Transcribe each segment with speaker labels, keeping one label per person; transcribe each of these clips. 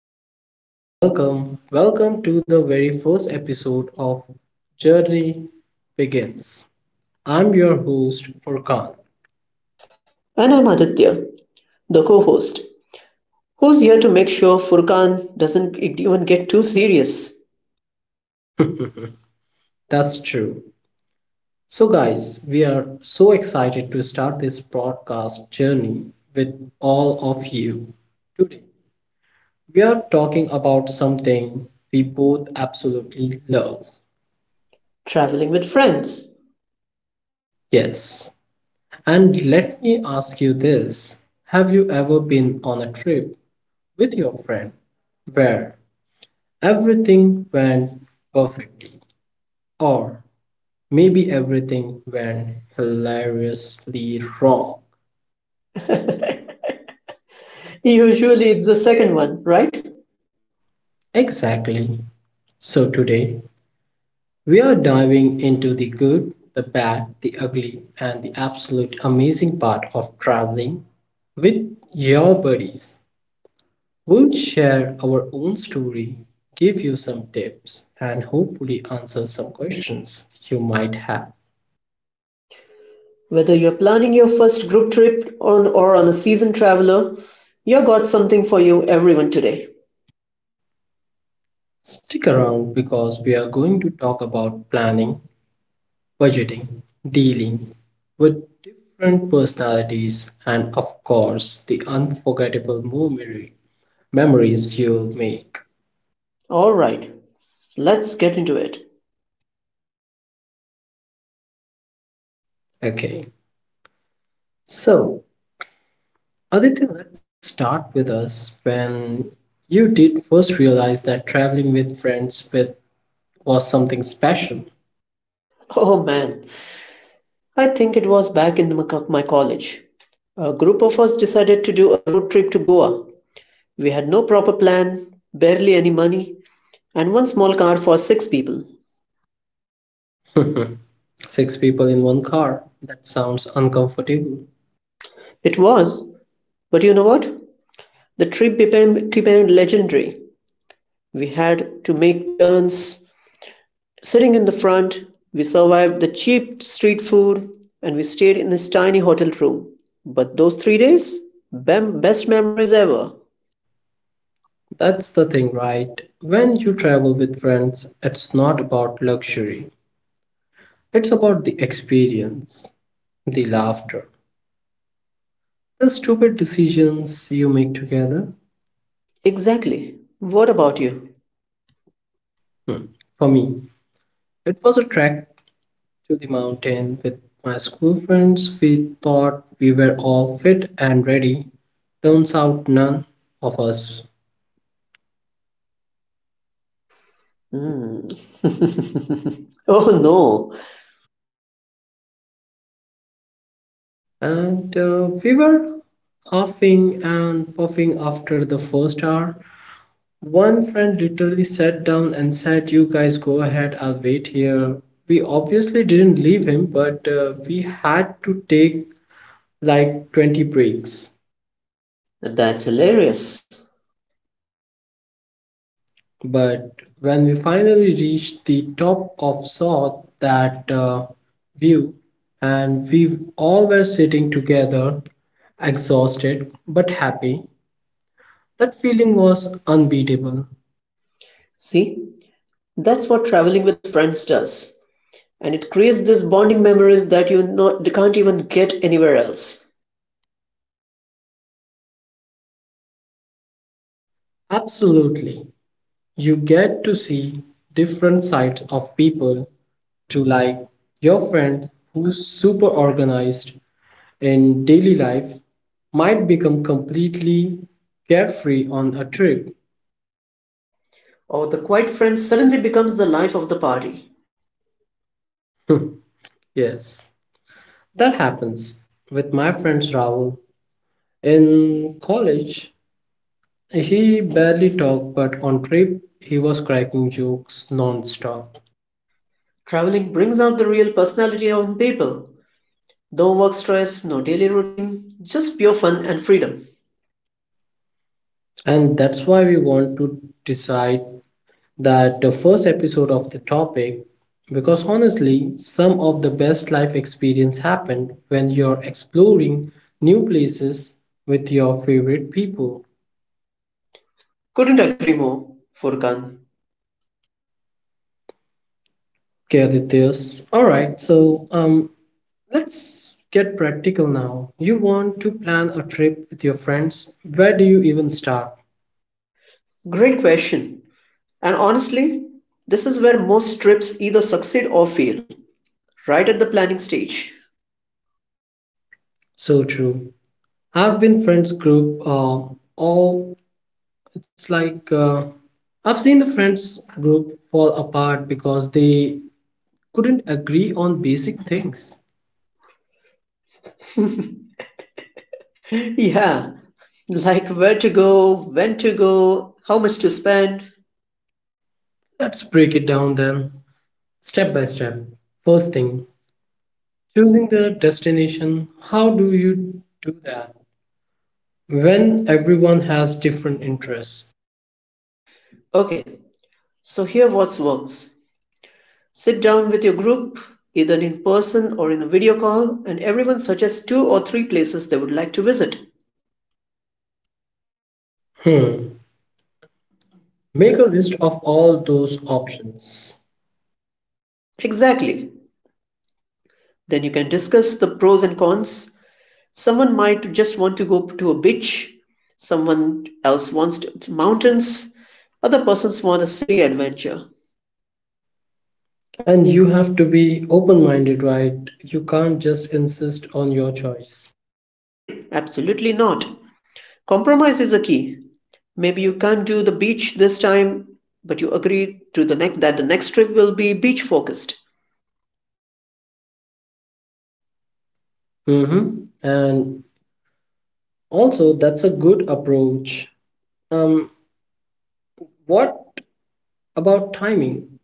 Speaker 1: welcome, welcome, welcome to the very first episode of Journey Begins. I'm your host Furkan.
Speaker 2: And I'm Aditya, the co host, who's here to make sure Furkan doesn't even get too serious
Speaker 1: That's true. So guys, we are so excited to start this broadcast journey with all of you. Today, we are talking about something we both absolutely love.
Speaker 2: traveling with friends.
Speaker 1: Yes. And let me ask you this. Have you ever been on a trip with your friend where everything went perfectly, or maybe everything went hilariously wrong?
Speaker 2: Usually it's the second one, right?
Speaker 1: Exactly. So today we are diving into the good, the bad, the ugly, and the absolute amazing part of traveling with your buddies. We'll share our own story, give you some tips, and hopefully answer some questions you might have.
Speaker 2: Whether you're planning your first group trip on, or on a seasoned traveler, you got something for you, everyone, today.
Speaker 1: Stick around because we are going to talk about planning, budgeting, dealing with different personalities, and of course, the unforgettable memories you'll make.
Speaker 2: Alright, let's get into it.
Speaker 1: Okay, so Aditi, let's start with us when you did first realize that traveling with friends with was something special.
Speaker 2: Oh man, I think it was back in my college. A group of us decided to do a road trip to Goa. We had no proper plan, barely any money, and one small car for six people.
Speaker 1: Six people in one car. That sounds uncomfortable.
Speaker 2: It was, but you know what? The trip became legendary. We had to make turns. Sitting in the front, we survived the cheap street food and we stayed in this tiny hotel room. But those 3 days? Best memories ever.
Speaker 1: That's the thing, right? When you travel with friends, it's not about luxury. It's about the experience, the laughter, the stupid decisions you make together.
Speaker 2: Exactly. What about you?
Speaker 1: Hmm. For me, it was a trek to the mountain with my school friends. We thought we were all fit and ready. Turns out none of us.
Speaker 2: Hmm. Oh no,
Speaker 1: And we were huffing and puffing after the first hour. One friend literally sat down and said, "You guys go ahead, I'll wait here." We obviously didn't leave him, but we had to take like 20 breaks.
Speaker 2: that's hilarious.
Speaker 1: But when we finally reached the top of saw that view, and we all were sitting together, exhausted but happy, that feeling was unbeatable.
Speaker 2: See, that's what traveling with friends does. And it creates these bonding memories that you can't even get anywhere else.
Speaker 1: Absolutely. You get to see different sides of people to like your friend who's super organized in daily life might become completely carefree on a trip.
Speaker 2: Or the quiet friend suddenly becomes the life of the party.
Speaker 1: Yes, that happens with my friend Rahul. In college, he barely talked, but on trip, he was cracking jokes non-stop.
Speaker 2: Traveling brings out the real personality of people. No work stress, no daily routine, just pure fun and freedom.
Speaker 1: And that's why we want to decide that the first episode of the topic because honestly, some of the best life experience happen when you're exploring new places with your favorite people.
Speaker 2: Couldn't agree more, Furkan.
Speaker 1: Okay, Adityas. All right, so let's get practical now. You want to plan a trip with your friends? Where do you even start?
Speaker 2: Great question. And honestly, this is where most trips either succeed or fail, right at the planning stage.
Speaker 1: So true. I've been friends group all. It's like I've seen the friends group fall apart because they couldn't agree on basic things.
Speaker 2: Yeah, like where to go, when to go, how much to spend.
Speaker 1: Let's break it down then, step by step. First thing, choosing the destination. How do you do that when everyone has different interests?
Speaker 2: Okay, so here what works. Sit down with your group, either in person or in a video call, and everyone suggests two or three places they would like to visit.
Speaker 1: Hmm, make a list of all those options.
Speaker 2: Exactly. Then you can discuss the pros and cons. Someone might just want to go to a beach, someone else wants to, mountains, other persons want a city adventure.
Speaker 1: And you have to be open minded, right? You can't just insist on your choice.
Speaker 2: Absolutely not. Compromise is a key. Maybe you can't do the beach this time, but you agree to the next trip will be beach focused.
Speaker 1: Mm-hmm. And also, that's a good approach. Um, what about timing?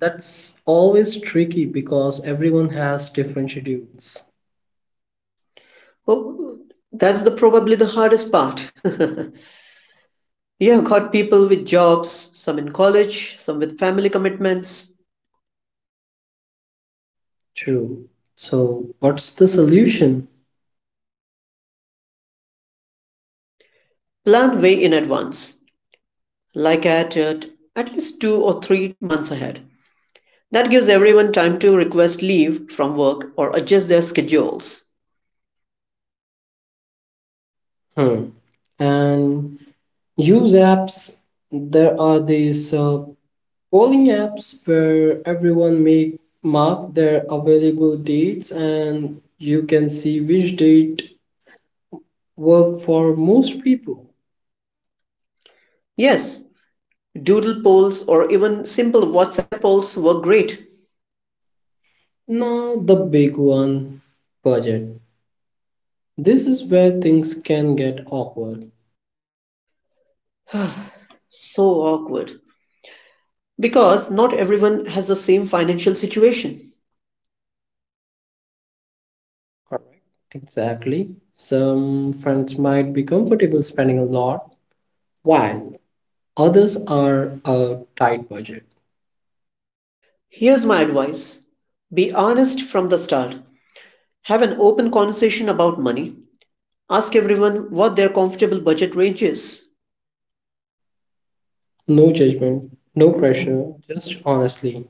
Speaker 1: That's always tricky because everyone has different schedules.
Speaker 2: Oh, that's the probably the hardest part. Yeah, got people with jobs, some in college, some with family commitments.
Speaker 1: True. So, what's the solution?
Speaker 2: Plan way in advance, like at least 2 or 3 months ahead. That gives everyone time to request leave from work or adjust their schedules.
Speaker 1: Hmm. And use apps. There are these polling apps where everyone make mark their available dates, and you can see which date work for most people.
Speaker 2: Yes, doodle polls or even simple WhatsApp polls were great.
Speaker 1: Now, the big one, budget. This is where things can get awkward.
Speaker 2: So awkward. Because not everyone has the same financial situation.
Speaker 1: Correct. Exactly. Some friends might be comfortable spending a lot, while others are a tight budget.
Speaker 2: Here's my advice, be honest from the start. Have an open conversation about money. Ask everyone what their comfortable budget range is.
Speaker 1: No judgment, no pressure, just honestly.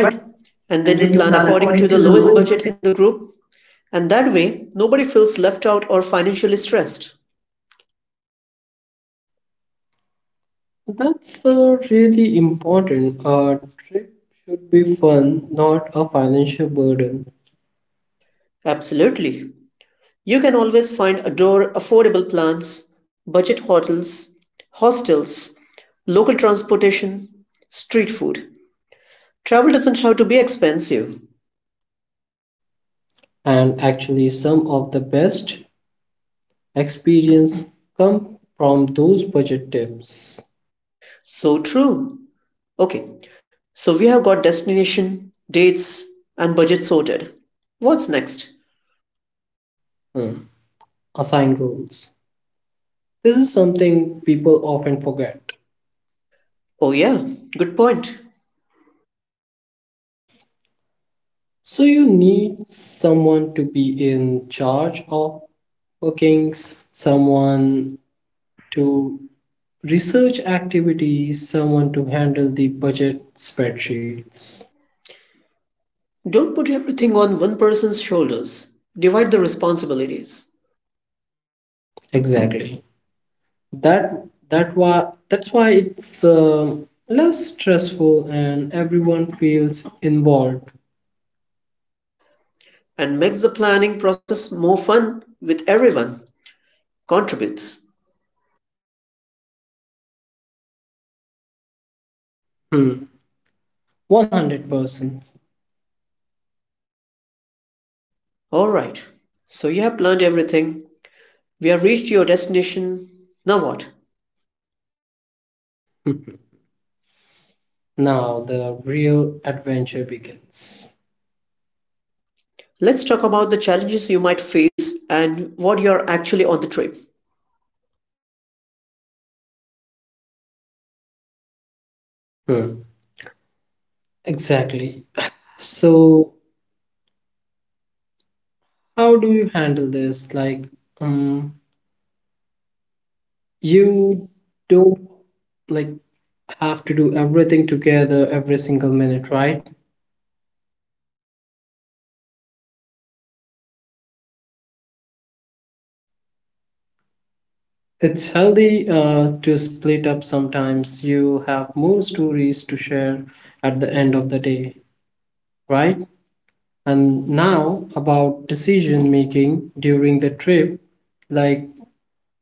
Speaker 1: Right.
Speaker 2: And
Speaker 1: And
Speaker 2: then you
Speaker 1: then you
Speaker 2: plan
Speaker 1: plan
Speaker 2: according
Speaker 1: according
Speaker 2: to
Speaker 1: to
Speaker 2: the
Speaker 1: the
Speaker 2: lowest
Speaker 1: lowest
Speaker 2: budget
Speaker 1: budget.
Speaker 2: in the group. And that way, nobody feels left out or financially stressed.
Speaker 1: That's really important. A trip should be fun, not a financial burden.
Speaker 2: Absolutely. You can always find adore affordable plans, budget hotels, hostels, local transportation, street food. Travel doesn't have to be expensive.
Speaker 1: And actually, some of the best experience come from those budget tips.
Speaker 2: So true. Okay, so we have got destination, dates, and budget sorted. What's next?
Speaker 1: Hmm. Assign roles. This is something people often forget.
Speaker 2: Oh, yeah, good point.
Speaker 1: So, you need someone to be in charge of bookings, someone to research activities, someone to handle the budget spreadsheets.
Speaker 2: Don't put everything on one person's shoulders. Divide the responsibilities
Speaker 1: Exactly. That that's why it's less stressful and everyone feels involved.
Speaker 2: and makes the planning process more fun with everyone. Contributes.
Speaker 1: Hmm. 100%.
Speaker 2: Alright, so you have planned everything. We have reached your destination. Now what?
Speaker 1: Now the real adventure begins.
Speaker 2: Let's talk about the challenges you might face and what you're actually on the trip.
Speaker 1: Hmm. Exactly. So, how do you handle this? Like, um, you don't like have to do everything together every single minute, right? It's healthy to split up sometimes. You'll have more stories to share at the end of the day, right? And now about decision making during the trip, like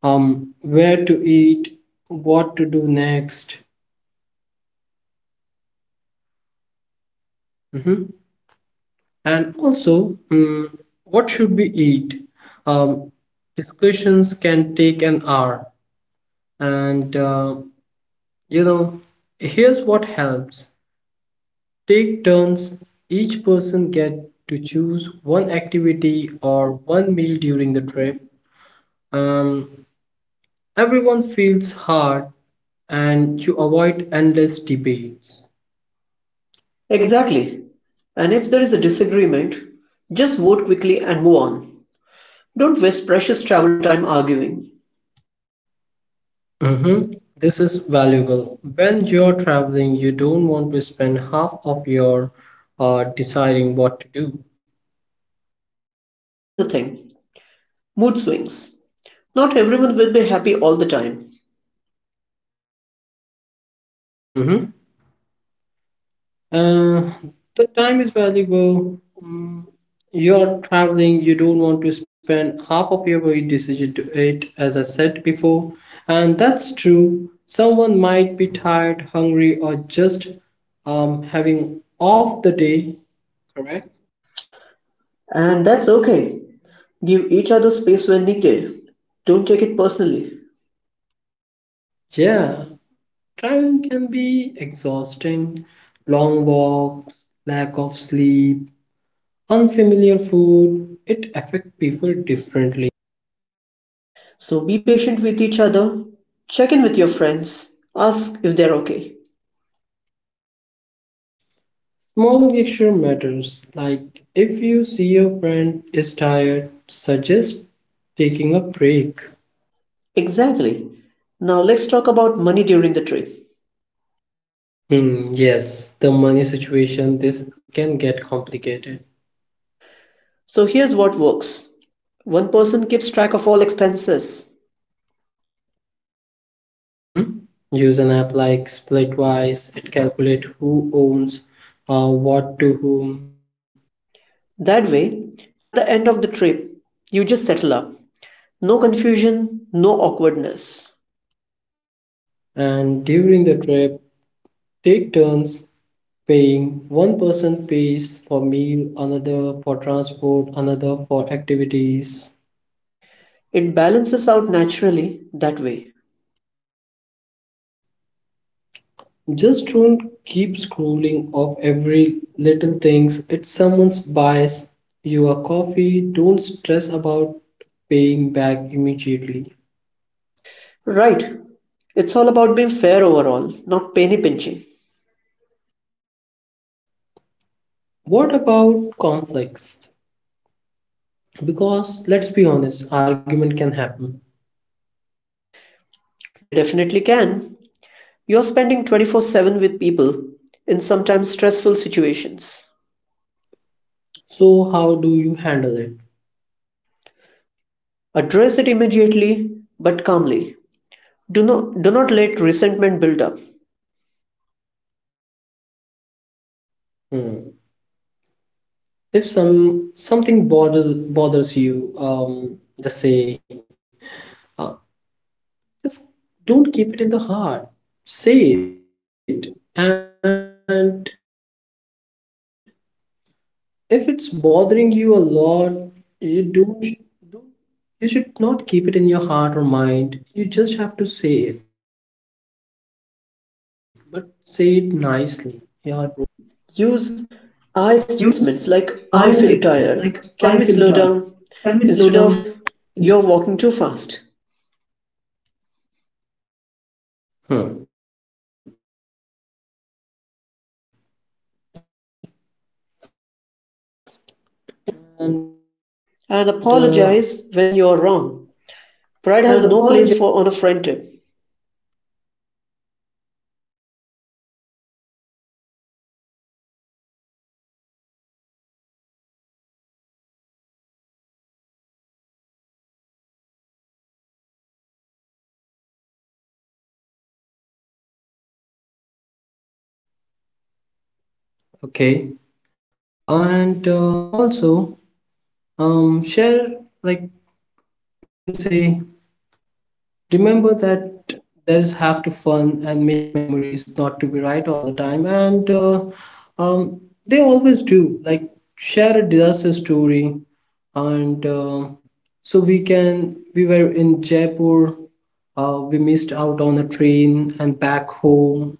Speaker 1: where to eat, what to do next. Mhm. And also, mm, what should we eat? Um, discussions can take an hour. And you know, here's what helps take turns. Each person get to choose one activity or one meal during the trip. Um, everyone feels hard and you avoid endless debates.
Speaker 2: Exactly. And if there is a disagreement, just vote quickly and move on. Don't waste precious travel time arguing.
Speaker 1: Mm-hmm. This is valuable. When you're traveling, you don't want to spend half of your deciding what to do.
Speaker 2: Another thing, mood swings. Not everyone will be happy all the time.
Speaker 1: Mm-hmm. Uh, the time is valuable. Mm, you're traveling, you don't want to spend half of your very decision to it, as I said before. And that's true. Someone might be tired, hungry, or just having off the day. Correct?
Speaker 2: And that's okay. Give each other space when needed. Don't take it personally.
Speaker 1: Yeah. Traveling can be exhausting, long walks, lack of sleep, unfamiliar food. It affects people differently.
Speaker 2: So be patient with each other. Check in with your friends. Ask if they're okay.
Speaker 1: Small gesture matters, like if you see your friend is tired, suggest taking a break.
Speaker 2: Exactly. Now let's talk about money during the trip.
Speaker 1: Hmm, yes, the money situation, this can get complicated.
Speaker 2: So here's what works. One person keeps track of all expenses.
Speaker 1: Mm-hmm. Use an app like Splitwise, it calculates who owns what to whom,
Speaker 2: That way, at the end of the trip, you just settle up. No confusion, no awkwardness.
Speaker 1: and during the trip, take turns paying. One person pays for meal, another for transport, another for activities.
Speaker 2: It balances out naturally that way.
Speaker 1: Just don't keep scrolling off every little things. It's someone's buys you a coffee, don't stress about paying back immediately.
Speaker 2: Right. It's all about being fair overall, not penny pinching.
Speaker 1: What about conflicts? Because let's be honest, argument can happen.
Speaker 2: They definitely can. You're spending 24/7 with people in sometimes stressful situations.
Speaker 1: So how do you handle it?
Speaker 2: Address it immediately but calmly. Do not let resentment build up.
Speaker 1: Hmm. If bothers you, just say, uh, just don't keep it in the heart. Say it, and if it's bothering you a lot, you don't you should not keep it in your heart or mind. You just have to say it, but say it nicely. Yeah, don't approach them with anger or frustration.
Speaker 2: Use
Speaker 1: Use
Speaker 2: "I"
Speaker 1: I
Speaker 2: statements
Speaker 1: statements like
Speaker 2: like "I
Speaker 1: I
Speaker 2: feel
Speaker 1: feel tired.
Speaker 2: tired", "Can we
Speaker 1: Can we
Speaker 2: slow
Speaker 1: slow
Speaker 2: down"
Speaker 1: down?
Speaker 2: instead of "You're walking too fast",
Speaker 1: Hmm. And that's a good advice.
Speaker 2: and
Speaker 1: And apologize.
Speaker 2: apologize when you're wrong. Pride has no place for on a friendship.
Speaker 1: Hmm. Absolutely. Remember, you are all there, have fun, and make memories, not to being right all time. Okay. And also, share like you can say remember that there is have to fun and make memories, not to be right all the time. And they always do. Like share a disaster story, and so we can. We were in Jaipur. We missed out on a train and back home.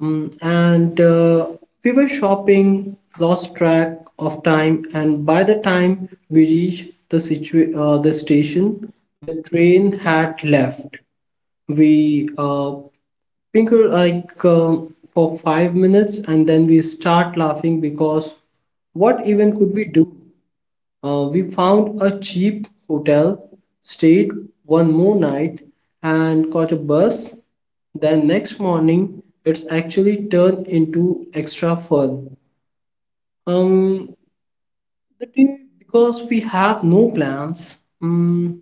Speaker 1: Mm, and we were shopping, lost track of time, and by the time we reached the the station, the train had left. We pinker like for 5 minutes and then we start laughing because what even could we do? We found a cheap hotel, stayed one more night and caught a bus then next morning. It's actually turned into extra fun um the day because we have no plans.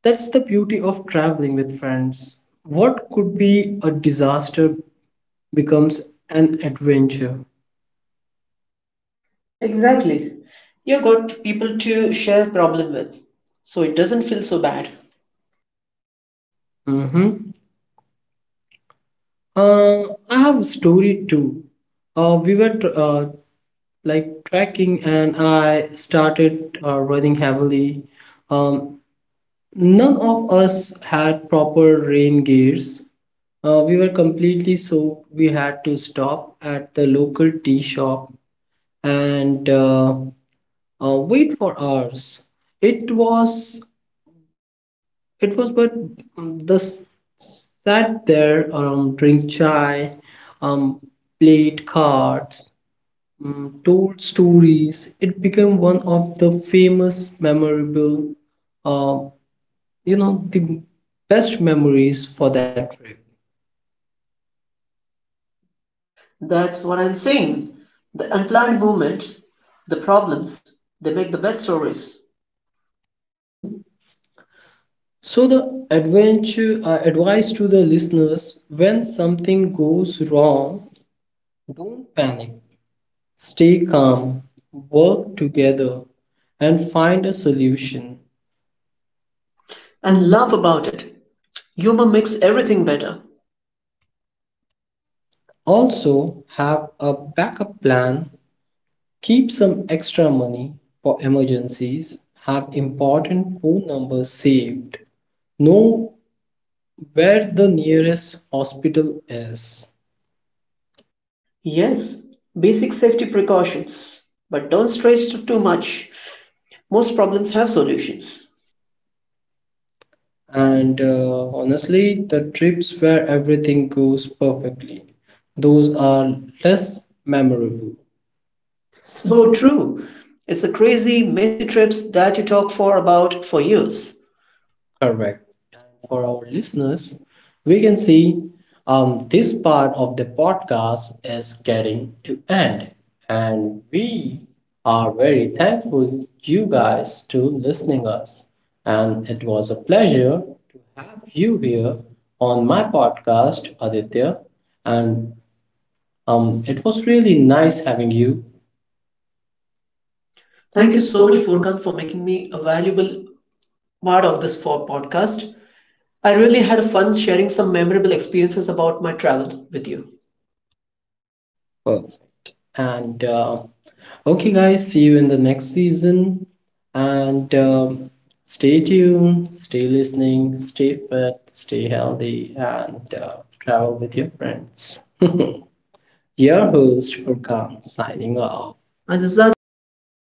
Speaker 1: That's the beauty of traveling with friends. What could be a disaster becomes an adventure.
Speaker 2: Exactly. You got people to share problem with, so it doesn't feel so bad.
Speaker 1: Mhm. Uh, I have a story too. Uh, we were tr- uh, like trekking, and I started running heavily. Um, none of us had proper rain gears. We were completely soaked. We had to stop at the local tea shop and wait for hours. It was, it was, but um, the s- sat there, drink chai, um, played cards, told stories. It became one of the famous, memorable, uh, you know, the best memories for that trip.
Speaker 2: That's what I'm saying. The unplanned movement, the problems, they make the best stories.
Speaker 1: Mm-hmm. So the adventure advice to the listeners: when something goes wrong, don't panic. Stay calm, work together, and find a solution.
Speaker 2: And
Speaker 1: And
Speaker 2: laugh about it. Humor makes everything better.
Speaker 1: also, have a backup plan, keep some extra money for emergencies, have important phone numbers saved, know where the nearest hospital is.
Speaker 2: Yes, basic safety precautions. But don't stretch to too much. Most problems have solutions.
Speaker 1: And honestly, the trips where everything goes perfectly, those are less memorable. So
Speaker 2: So true. It's the crazy, messy trips that you talk for about for years.
Speaker 1: correct. For our listeners, we can see this part of the podcast is getting to end, and we are very thankful you guys to listening us. And it was a pleasure to have you here on my podcast, Aditya. And it was really nice having you.
Speaker 2: Thank
Speaker 1: Thank you
Speaker 2: you so
Speaker 1: so
Speaker 2: much,
Speaker 1: much for.
Speaker 2: Furkan, for making me a valuable part of this for podcast. I really had fun sharing some memorable experiences about my travel with you.
Speaker 1: Perfect. And okay, guys, see you in the next season. And stay tuned, stay listening, stay fit, stay healthy, and travel with your friends. Your host, Furkan, signing off.
Speaker 2: And this is Aditya
Speaker 1: Like
Speaker 2: signing off.